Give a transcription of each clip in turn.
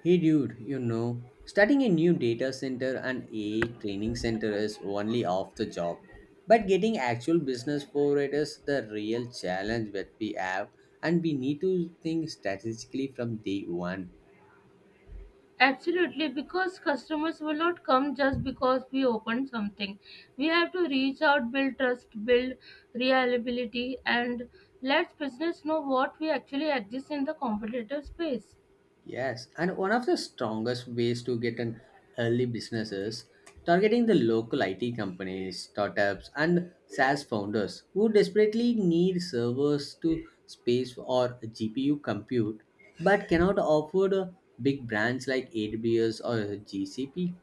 Hey dude, you know, starting a new data center and AI training center is only half the job. But getting actual business for it is the real challenge that we have, and we need to think strategically from day one. Absolutely, because customers will not come just because we open something. We have to reach out, build trust, build reliability, and let business know what we actually exist in the competitive space. Yes, and one of the strongest ways to get an early business is targeting the local IT companies, startups, and SaaS founders who desperately need servers to space or GPU compute but cannot afford a big brands like AWS or GCP.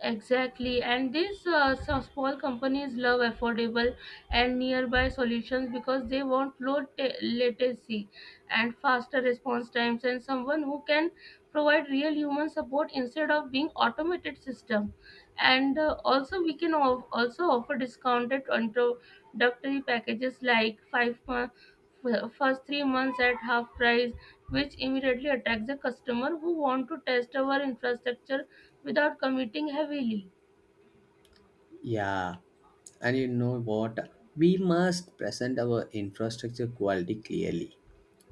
Exactly, and these some small companies love affordable and nearby solutions because they want latency and faster response times and someone who can provide real human support instead of being automated system. And also, we can also offer discounted introductory packages like 5 month, first 3 months at half price, which immediately attracts the customer who want to test our infrastructure without committing heavily. Yeah, and you know what? We must present our infrastructure quality clearly.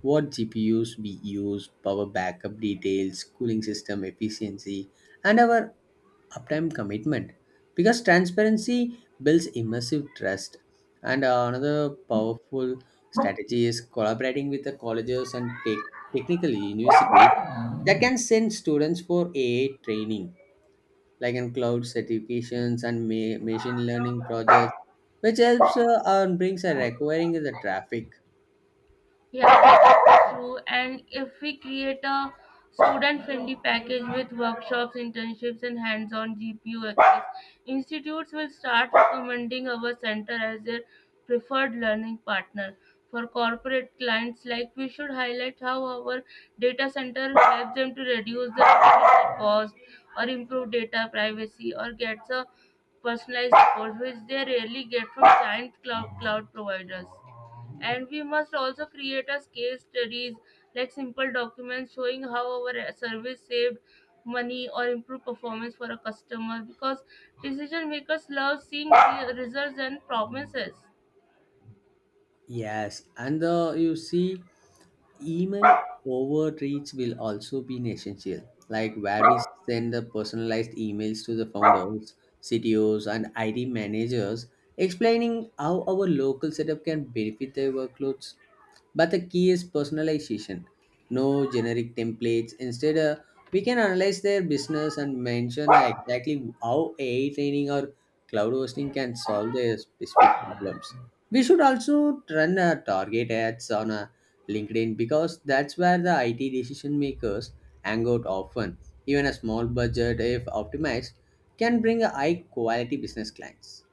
What GPUs we use, power backup details, cooling system efficiency, and our uptime commitment. Because transparency builds immersive trust. And Another powerful strategy is collaborating with the colleges and tech technical universities that can send students for a A training like in cloud certifications and machine learning projects, which helps and brings a requiring the traffic. Yeah, that's true. And if we create a student-friendly package with workshops, internships, and hands-on GPU access, institutes will start recommending our center as their preferred learning partner. For corporate clients, like we should highlight how our data center helps them to reduce the acquisition cost or improve data privacy or gets a personalized support, which they rarely get from giant cloud providers. And we must also create as case studies like simple documents showing how our service saved money or improved performance for a customer, because decision makers love seeing the results and promises. Yes, and the you see email overreach will also be an essential, like where we send the personalized emails to the founders, CTOs, and IT managers explaining how our local setup can benefit their workloads. But the key is personalization. No generic templates. Instead, we can analyze their business and mention exactly how AI training or cloud hosting can solve their specific problems. We should also run target ads on LinkedIn because that's where the IT decision makers hang out often. Even a small budget, if optimized, can bring a high quality business clients.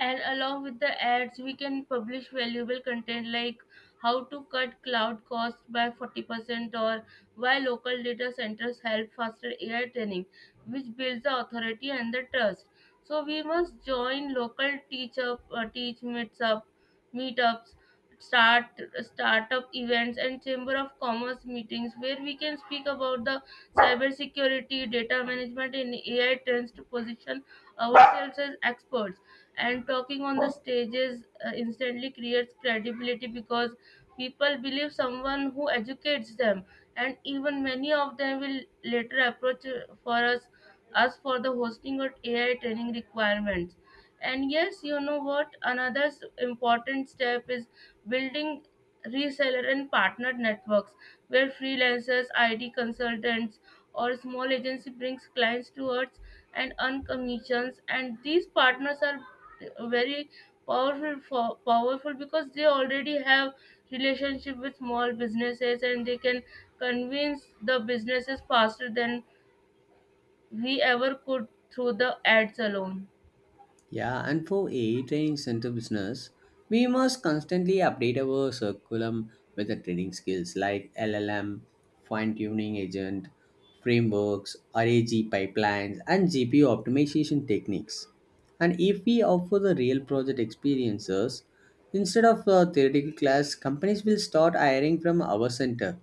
And along with the ads, we can publish valuable content like how to cut cloud costs by 40% or why local data centers help faster ai training, which builds the authority and the trust. So we must join local teach up teach meets up meetups, start startup events, and chamber of commerce meetings where we can speak about the cybersecurity, data management, and ai trends to position ourselves as experts. And talking on the stages instantly creates credibility because people believe someone who educates them, and even many of them will later approach for us us for the hosting or ai training requirements. And yes, you know what, another important step is building reseller and partner networks where freelancers, IT consultants, or small agency brings clients towards and earn commissions. And these partners are very powerful because they already have relationship with small businesses, and they can convince the businesses faster than we ever could through the ads alone. Yeah, and for AI training center business, we must constantly update our curriculum with the training skills like LLM, fine tuning agent, frameworks, RAG pipelines, and GPU optimization techniques. And if we offer the real project experiences instead of a theoretical class, companies will start hiring from our center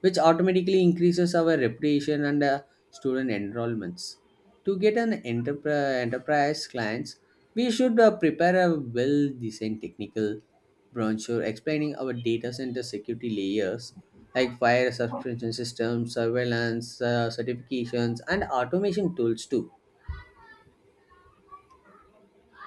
which automatically increases our reputation and student enrollments. To get an enterprise clients, we should prepare a well-designed technical brochure explaining our data center security layers like fire suppression systems, surveillance, certifications, and automation tools too.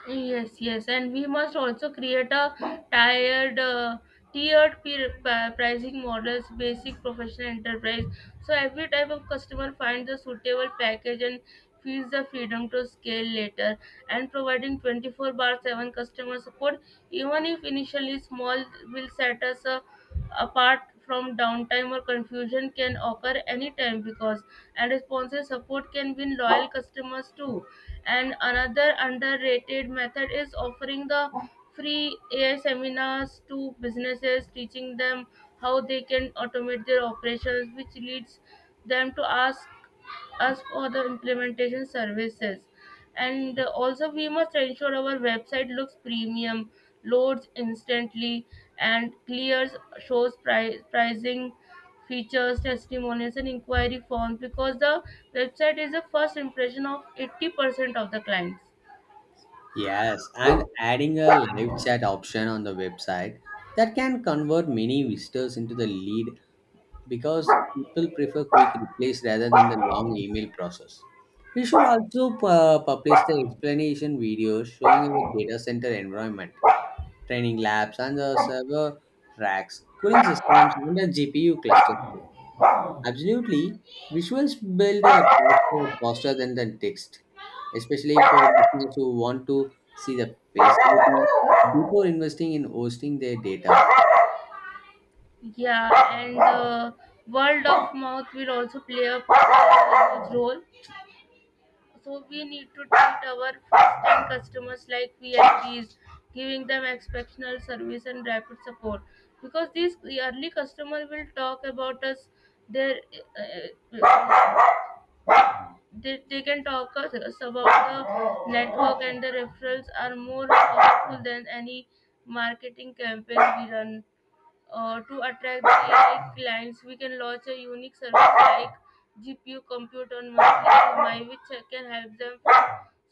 Yes, yes, and we must also create a tiered, uh, pricing models: basic, professional, enterprise. So every type of customer finds a suitable package and feels the freedom to scale later. And providing 24 bar 7 customer support, even if initially small, will set us apart, from downtime or confusion can occur anytime, because and responsive support can win loyal customers too. And another underrated method is offering the free ai seminars to businesses, teaching them how they can automate their operations, which leads them to ask us for the implementation services. And uh, also we must ensure our website looks premium, loads instantly, and clears shows pricing, features, testimonials, and inquiry forms, because the website is the first impression of 80% of the clients. Yes, and adding a live chat option on the website that can convert many visitors into the lead because people prefer quick replies rather than the long email process. We should also publish the explanation videos showing our data center environment, training labs, and the server racks, cooling systems, and the GPU clusters too. Absolutely, visuals build a transfer faster than the text, especially for businesses who want to see the facility before investing in hosting their data. Yeah and uh, word of mouth will also play a huge role. So we need to treat our first-time customers like VIPs, giving them exceptional service and rapid support. Because these early customer will talk about us, their uh, uh, they, they can talk us about the network, and the referrals are more powerful than any marketing campaign we run. To attract the AI clients, we can launch a unique service like GPU compute on monthly EMI, which can help them from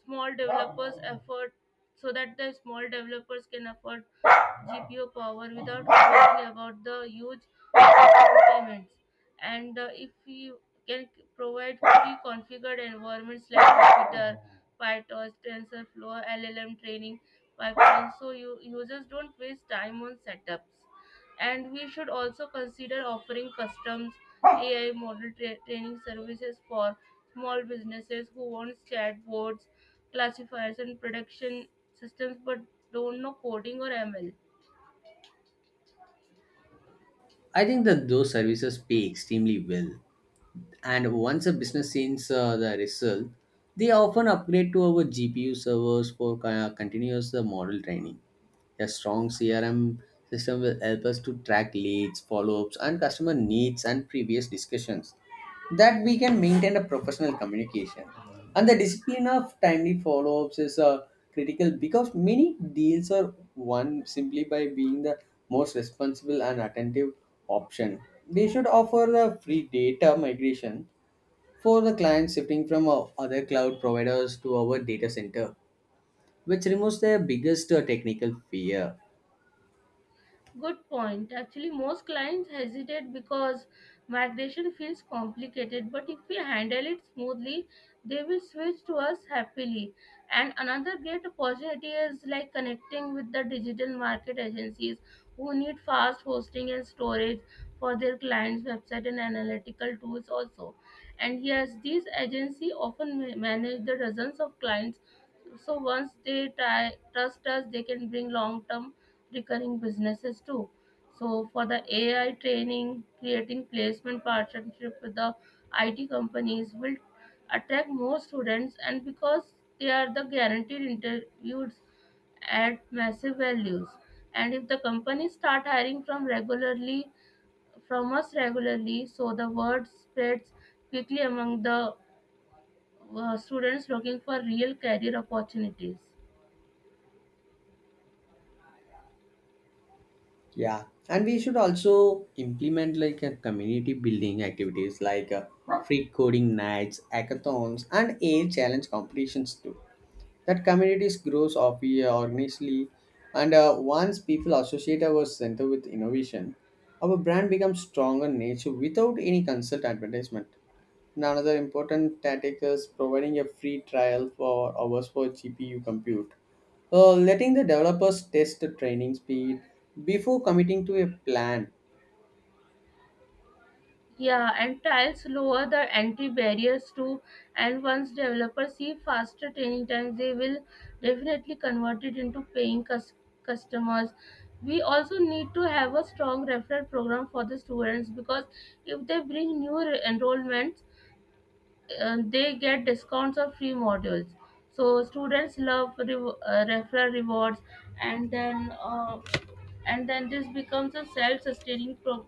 small developers effort, so that the small developers can afford GPU power without worrying about the huge upfront payments. And if you can provide pre-configured environments like Jupyter, PyTorch, TensorFlow, LLM training pipelines, so you users don't waste time on setups. And we should also consider offering customs ai model training services for small businesses who want chatbots, classifiers, and production systems but don't know coding or ml. I think that those services pay extremely well, and once a business sees the result they often upgrade to our GPU servers for continuous model training. A strong CRM system will help us to track leads, follow-ups and customer needs and previous discussions that we can maintain a professional communication, and the discipline of timely follow-ups is critical because many deals are won simply by being the most responsible and attentive option. They should offer the free data migration for the clients shifting from other cloud providers to our data center, which removes their biggest technical fear. Good point. Actually, most clients hesitate because migration feels complicated, but if we handle it smoothly, they will switch to us happily. And another great opportunity is like connecting with the digital market agencies who need fast hosting and storage for their clients' website and analytical tools also. And yes, these agencies often manage the dozens of clients, so once they trust us, they can bring long-term recurring businesses too. So for the AI training, creating placement partnership with the IT companies will attract more students, and because they are the guaranteed interviews at massive values. And if the companies start hiring from regularly from us regularly, so the word spreads quickly among the students looking for real career opportunities. Yeah, and we should also implement like a community building activities like free coding nights, hackathons, and AI challenge competitions too. That communities grows of organically, and once people associate our center with innovation our brand becomes stronger in nature without any consult advertisement. And another important tactic is providing a free trial for hours for GPU compute, letting the developers test the training speed before committing to a plan. Yeah, and trials lower the entry barriers too. And once developers see faster training times, they will definitely convert it into paying customers. We also need to have a strong referral program for the students, because if they bring new enrollments, and they get discounts or free modules, so students love referral rewards. And then uh, and then this becomes a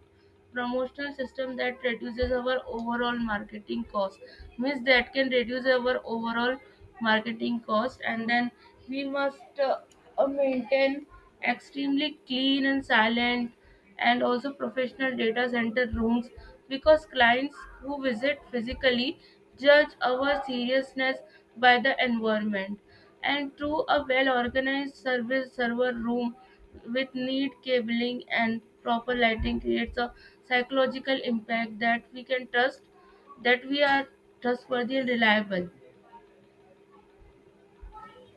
promotional system that reduces our overall marketing cost, means that can reduce our overall marketing cost. And then we must maintain extremely clean and silent and also professional data center rooms, because clients who visit physically judge our seriousness by the environment. And through a well organized service server room with neat cabling and proper lighting creates a psychological impact that we can trust, that we are trustworthy and reliable.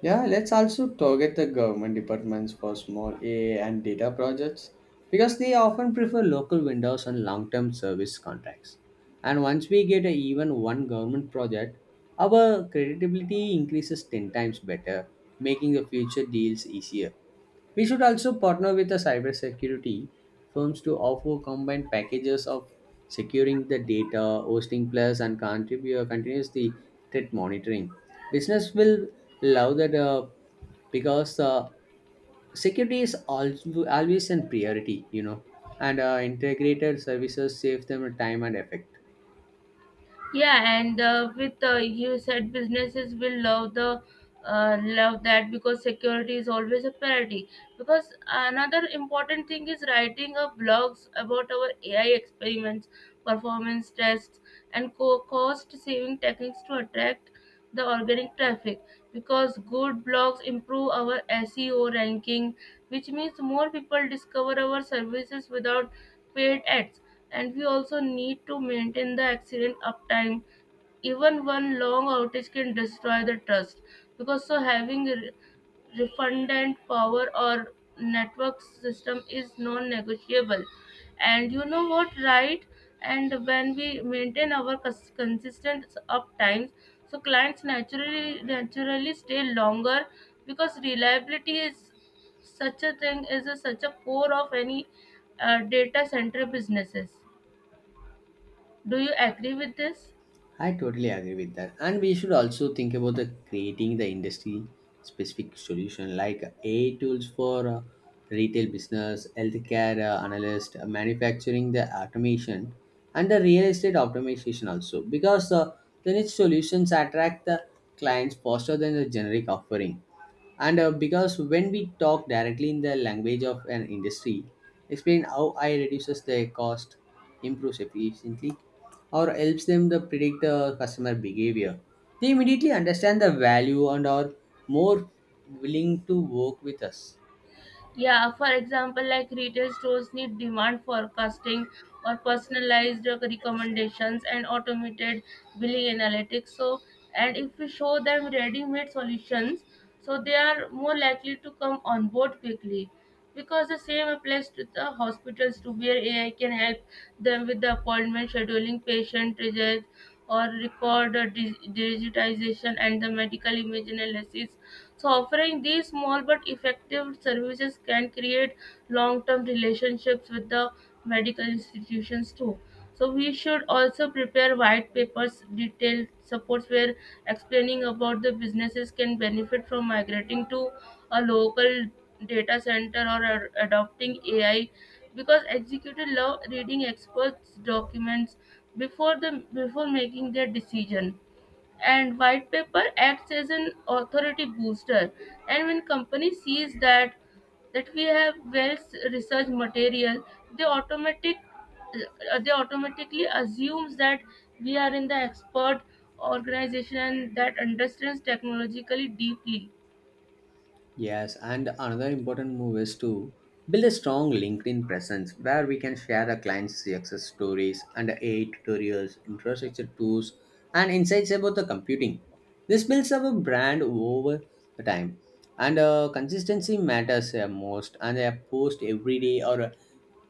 Yeah, let's also target the government departments for small AI and data projects because they often prefer local vendors and long term service contracts. And once we get a, even one government project, our credibility increases 10 times better, making the future deals easier. We should also partner with the cybersecurity firms to offer combined packages of securing the data, hosting plus, and contribute continuous threat monitoring. Business will love that because security is also always a priority, you know, and integrated services save them time and effort. Yeah, and with You said businesses will love the love that because security is always a priority. Because another important thing is writing up blogs about our AI experiments, performance tests, and cost saving techniques to attract the organic traffic. Because good blogs improve our SEO ranking, which means more people discover our services without paid ads. And we also need to maintain the accident uptime, even one long outage can destroy the trust, because so having redundant power or network system is non-negotiable. And you know what, right, and when we maintain our consistent uptimes, so clients naturally stay longer, because reliability is such a thing is a, such a core of any data center businesses. Do you agree with this? I totally agree with that. And we should also think about the creating the industry specific solution like AI tools for retail business, healthcare analyst, manufacturing, the automation, and the real estate optimization also. Because the niche solutions attract the clients faster than the generic offering. And because when we talk directly in the language of an industry, explain how I reduces the cost, improves efficiently or helps them to predict the customer behavior. They immediately understand the value and are more willing to work with us. Yeah, for example, like retail stores need demand forecasting or personalized recommendations and automated billing analytics. So, and if we show them ready made solutions, so they are more likely to come on board quickly. Because the same applies to the hospitals to where AI can help them with the appointment scheduling, patient results, or record digitization and the medical image analysis. So, offering these small but effective services can create long term relationships with the medical institutions too. So, we should also prepare white papers, detailed supports where explaining about the businesses can benefit from migrating to a local data center or adopting AI, because executives love reading experts' documents before the before making their decision. And white paper acts as an authority booster. And when company sees that we have well researched material, they automatic they automatically assumes that we are in the expert organization that understands technologically deeply. Yes, and another important move is to build a strong LinkedIn presence where we can share our clients' success stories and AI tutorials, infrastructure tools, and insights about the computing. This builds up a brand over the time. And Consistency matters most, and a post every day or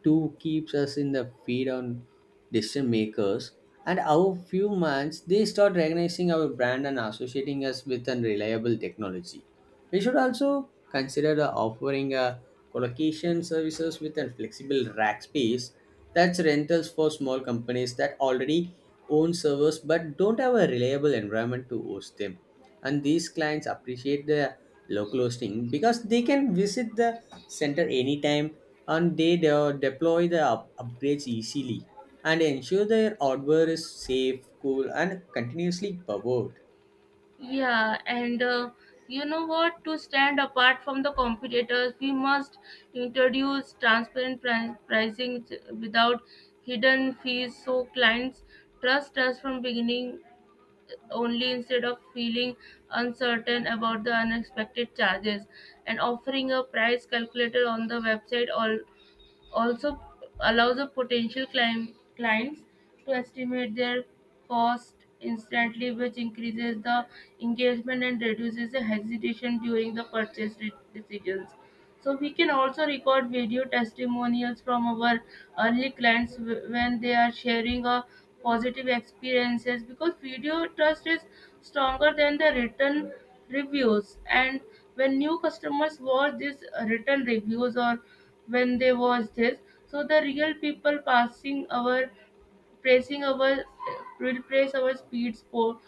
too keeps us in the feed on decision makers, and our few months they start recognizing our brand and associating us with unreliable technology. We should also consider the offering a collocation services with a flexible rack space that's rentals for small companies that already own servers but don't have a reliable environment to host them, and these clients appreciate the local hosting because they can visit the center anytime and they deploy the upgrades easily and ensure their hardware is safe, cool, and continuously powered. Yeah, and you know what? To stand apart from the competitors, we must introduce transparent without hidden fees, so clients trust us from beginning only, instead of feeling uncertain about the unexpected charges. And offering a price calculator on the website all also allows a clients to estimate their cost instantly, which increases the engagement and reduces the hesitation during the purchase decisions. So we can also record video testimonials from our early clients when they are sharing a positive experiences, because video trust is stronger than the written reviews. And when new customers watch these written reviews, or when they watch this, so the real people passing our praising our will praise our speed support,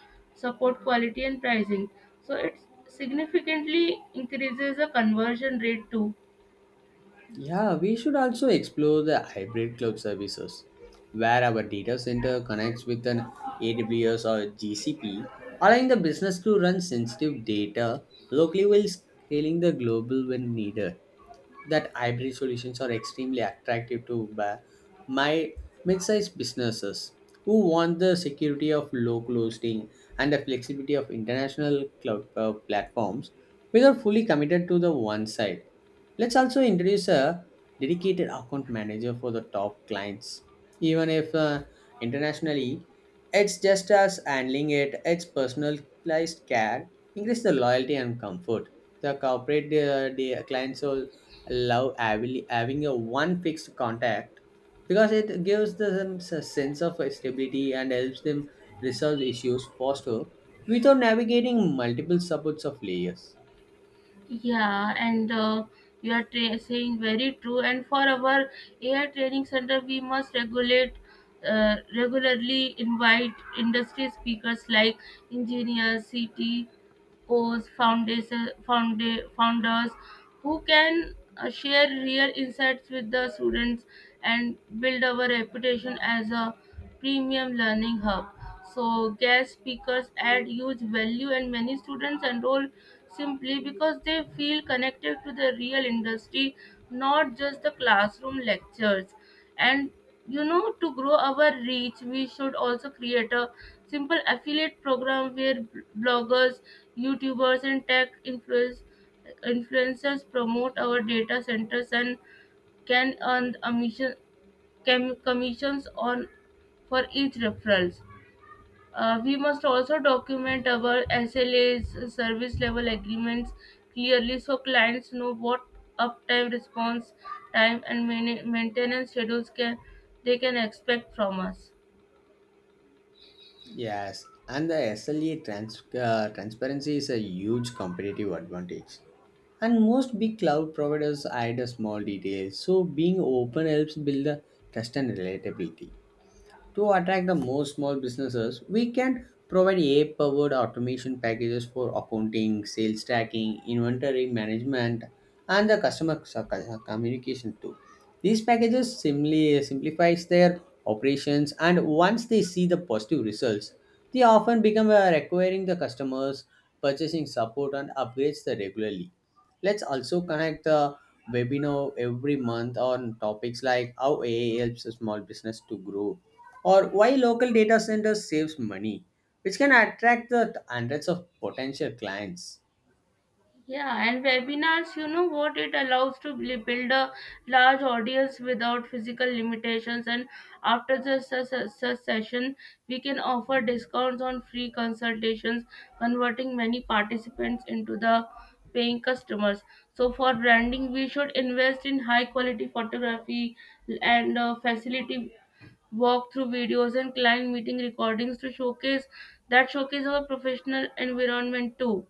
support quality, and pricing, so it significantly increases the conversion rate too. Yeah, we should also explore the hybrid cloud services where our data center connects with an AWS or GCP, allowing the business to run sensitive data locally while scaling the global when needed. That hybrid solutions are extremely attractive to my mid-sized businesses who want the security of local hosting and the flexibility of international cloud platforms without fully committed to the one side. Let's also introduce a dedicated account manager for the top clients. Even if internationally, it's just as handling it, it's personalized care, increase the loyalty and comfort. The clients will love having a one fixed contact because it gives them a sense of stability and helps them resolve issues faster without navigating multiple supports of layers. Yeah, and You are saying very true. And for our AI training center, we must regulate regularly invite industry speakers like engineers, CT, CEOs, founders who can share real insights with the students and build our reputation as a premium learning hub. So, guest speakers add huge value, and many students enroll simply because they feel connected to the real industry, not just the classroom lectures. And you know, to grow our reach, we should also create a simple affiliate program where bloggers, youtubers, and tech influencers promote our data centers and can earn commissions on for each referrals. We must also document our SLAs, service level agreements clearly, so clients know what uptime, response time, and maintenance schedules can they can expect from us. Yes, and the SLA transparency is a huge competitive advantage. And most big cloud providers hide the small details, so being open helps build the trust and relatability. To attract the most small businesses, we can provide AI-powered automation packages for accounting, sales tracking, inventory management, and the customer communication too. These packages simply simplifies their operations, and once they see the positive results, they often become requiring the customers purchasing support and upgrades the regularly. Let's also connect the webinar every month on topics like how AI helps a small business to grow or why local data centers saves money, which can attract the hundreds of potential clients. Yeah, and webinars, you know what, it allows to build a large audience without physical limitations. And after the session, we can offer discounts on free consultations, converting many participants into the paying customers. So for branding, we should invest in high quality photography and facility walkthrough videos and client meeting recordings to showcase that showcase our professional environment too,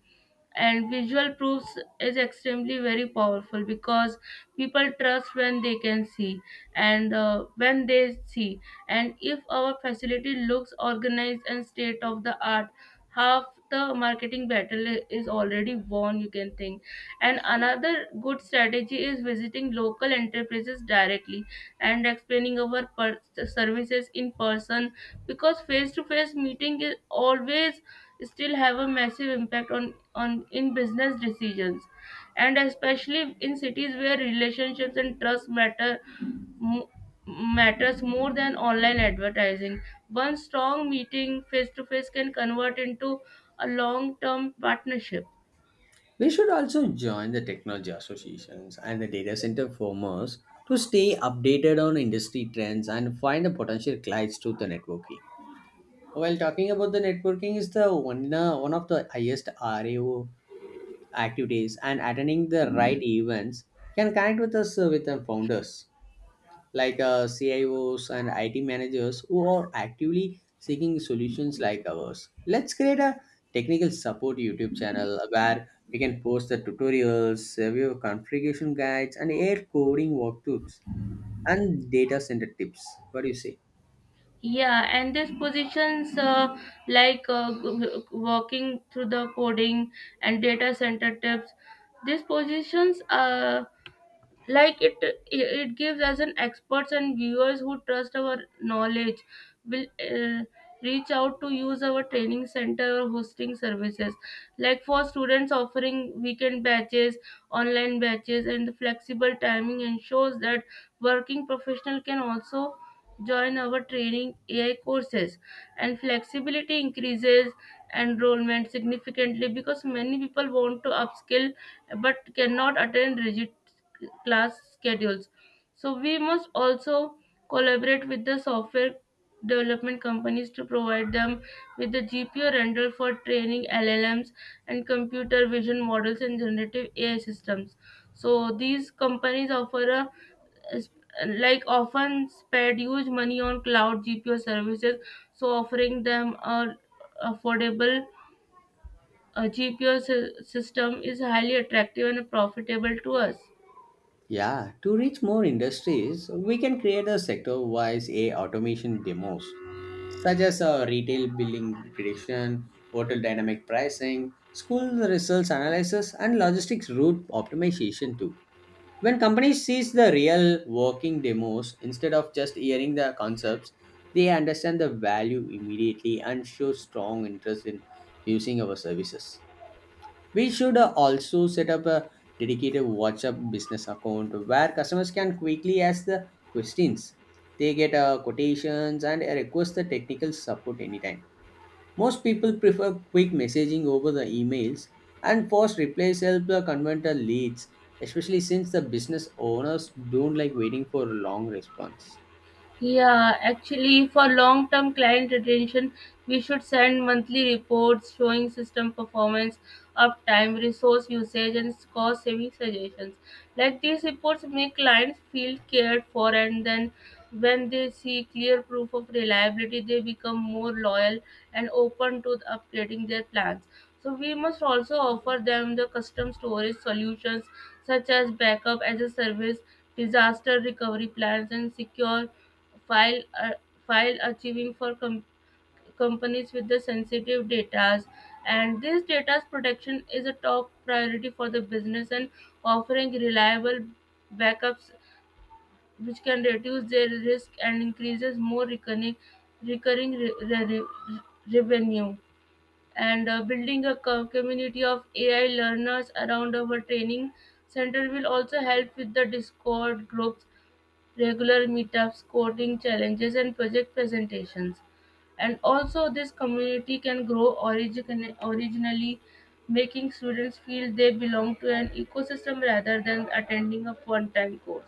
and visual proofs is extremely very powerful because people trust when they can see and if our facility looks organized and state of the art, half the marketing battle is already won, you can think. And another good strategy is visiting local enterprises directly and explaining our services in person, because face to face meeting is always still have a massive impact on in business decisions, and especially in cities where relationships and trust matter mo- matters more than online advertising. One strong meeting face to face can convert into a long term partnership. We should also join the technology associations and the data center firms to stay updated on industry trends and find the potential clients through the networking. While talking about the networking is the one of the highest RAO activities and attending the right events can connect with us with the founders like CIOs and IT managers who are actively seeking solutions like ours. Let's create a technical support YouTube channel where we can post the tutorials, review configuration guides, and air coding walkthroughs and data center tips. What do you say? Yeah, and these positions, working through the coding and data center tips, these positions, like it it gives us an experts, and viewers who trust our knowledge will, uh, reach out to use our training center or hosting services. Like, for students, offering weekend batches, online batches, and flexible timing ensures that working professional can also join our training AI courses, and flexibility increases enrollment significantly because many people want to upskill but cannot attend rigid class schedules. So we must also collaborate with the software development companies to provide them with the GPU rental for training LLMs and computer vision models and generative AI systems. So these companies offer a, like, often spend huge money on cloud GPU services, so offering them a affordable GPU system is highly attractive and profitable to us. Yeah, to reach more industries, we can create a sector wise A automation demos such as retail billing prediction, hotel dynamic pricing, school results analysis, and logistics route optimization too. When companies sees the real working demos instead of just hearing the concepts, they understand the value immediately and show strong interest in using our services. We should also set up a dedicated WhatsApp business account where customers can quickly ask the questions. They get quotations and request the technical support anytime. Most people prefer quick messaging over the emails, and fast replies help the convert the leads, especially since the business owners don't like waiting for a long response. Yeah, actually, for long term client retention, we should send monthly reports showing system performance, uptime, resource usage, and cost saving suggestions. Like, these reports make clients feel cared for, and then when they see clear proof of reliability, they become more loyal and open to upgrading their plans. So, we must also offer them the custom storage solutions such as backup as a service, disaster recovery plans, and secure File while achieving for companies with the sensitive data, and this data's protection is a top priority for the business, and offering reliable backups which can reduce their risk and increases more recurring recurring re- re- re- revenue. And building a community of AI learners around our training center will also help with the discord groups, regular meetups, coding challenges, and project presentations. And also, this community can grow originally, making students feel they belong to an ecosystem rather than attending a one time course.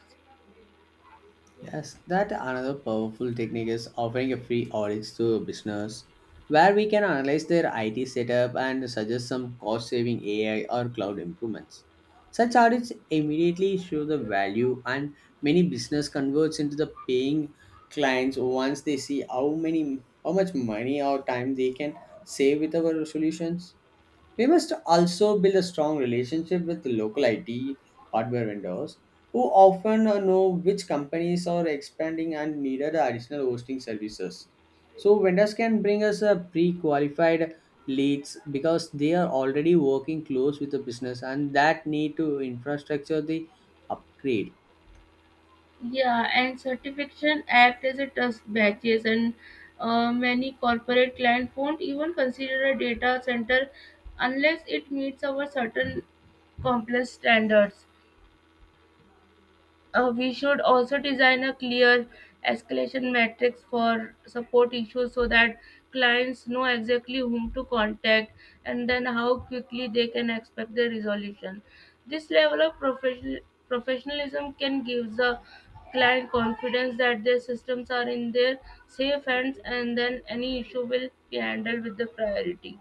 Yes, that another powerful technique is offering a free audit to a business where we can analyze their IT setup and suggest some cost saving AI or cloud improvements. Such audits immediately show the value and many business converts into the paying clients once they see how much money or time they can save with our solutions. We must also build a strong relationship with the local IT hardware vendors who often know which companies are expanding and needed additional hosting services. So vendors can bring us a pre-qualified leads because they are already working close with the business and that need to infrastructure the upgrade. Yeah, and certification act as a trust badges, and many corporate clients won't even consider a data center unless it meets our certain complex standards. We should also design a clear escalation matrix for support issues so that clients know exactly whom to contact, and then how quickly they can expect the resolution. This level of professionalism can give the client confidence that their systems are in their safe hands, and then any issue will be handled with the priority.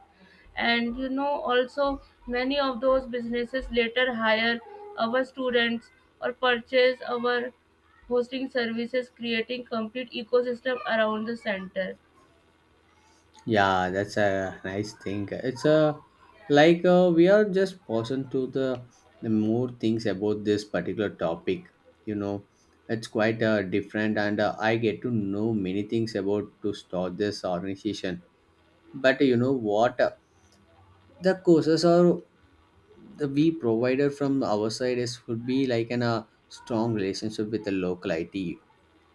And you know, also many of those businesses later hire our students or purchase our hosting services, creating complete ecosystem around the center. Yeah, that's a nice thing. It's a like we are just pausing to the more things about this particular topic. You know, it's quite different, and I get to know many things about to start this organization. But you know what? The courses are the we provider from our side is would be like an a strong relationship with the local IT,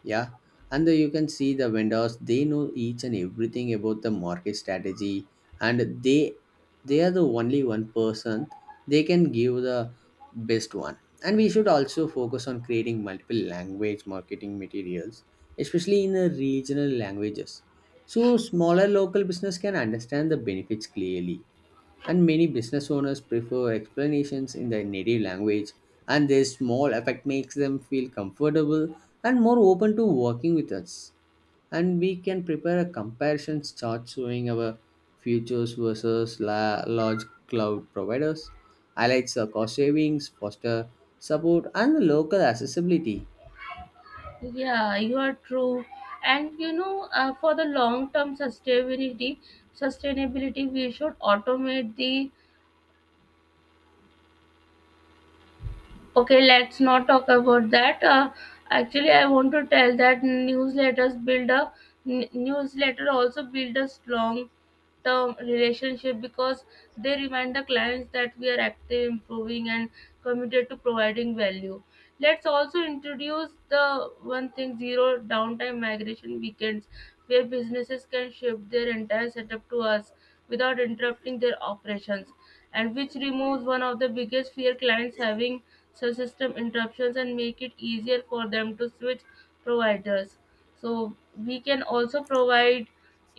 yeah, and the, you can see the vendors they know each and everything about the market strategy, and they are the only one person they can give the best one. And we should also focus on creating multiple language marketing materials, especially in the regional languages, so smaller local business can understand the benefits clearly, and many business owners prefer explanations in their native language and their small effect makes them feel comfortable and more open to working with us. And we can prepare a comparison chart showing our futures versus large cloud providers highlights the cost savings foster support and the local accessibility. Yeah, you are true. And you know, for the long term sustainability, we should automate the, okay, let's not talk about that. Actually, I want to tell that newsletter also build a strong term relationship because they remind the clients that we are active, improving, and committed to providing value. Let's also introduce the one thing, zero downtime migration weekends, where businesses can shift their entire setup to us without interrupting their operations, and which removes one of the biggest fear clients having such system interruptions and make it easier for them to switch providers. So we can also provide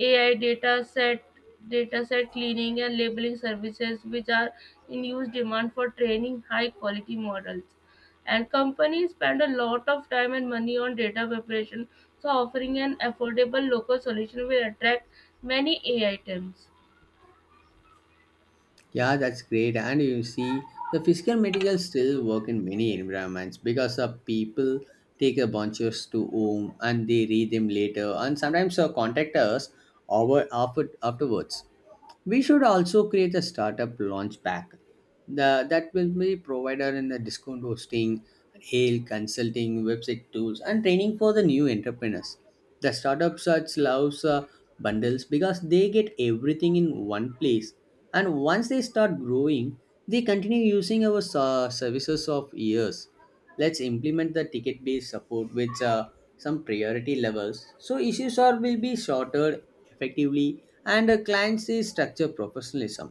ai data set dataset cleaning and labeling services which are in huge demand for training high quality models, and companies spend a lot of time and money on data preparation. So offering an affordable local solution will attract many AI teams. Yeah, that's great. And you see, the physical materials still work in many environments because the people take a bunches to home and they read them later and sometimes contact us over afterwards. We should also create a startup launch pack that will be provided in the discount hosting, hail consulting, website tools, and training for the new entrepreneurs. The startup search loves bundles because they get everything in one place, and once they start growing they continue using our services of years. Let's implement the ticket based support with some priority levels so issues are will be sorted effectively and the clients is structure professionalism.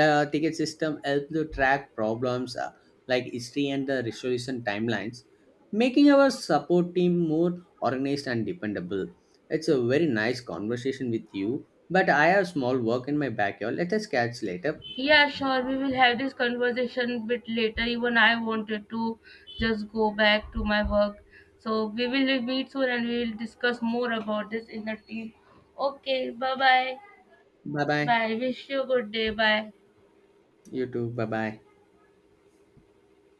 The ticket system helps to track problems like history and the resolution timelines, making our support team more organized and dependable. It's a very nice conversation with you, but I have small work in my backyard. Let us catch later. Yeah, sure, we will have this conversation bit later. Even I wanted to just go back to my work. So we will meet soon and we will discuss more about this in the team. Okay, bye bye. Bye bye. Bye, wish you a good day. Bye. You too. Bye bye.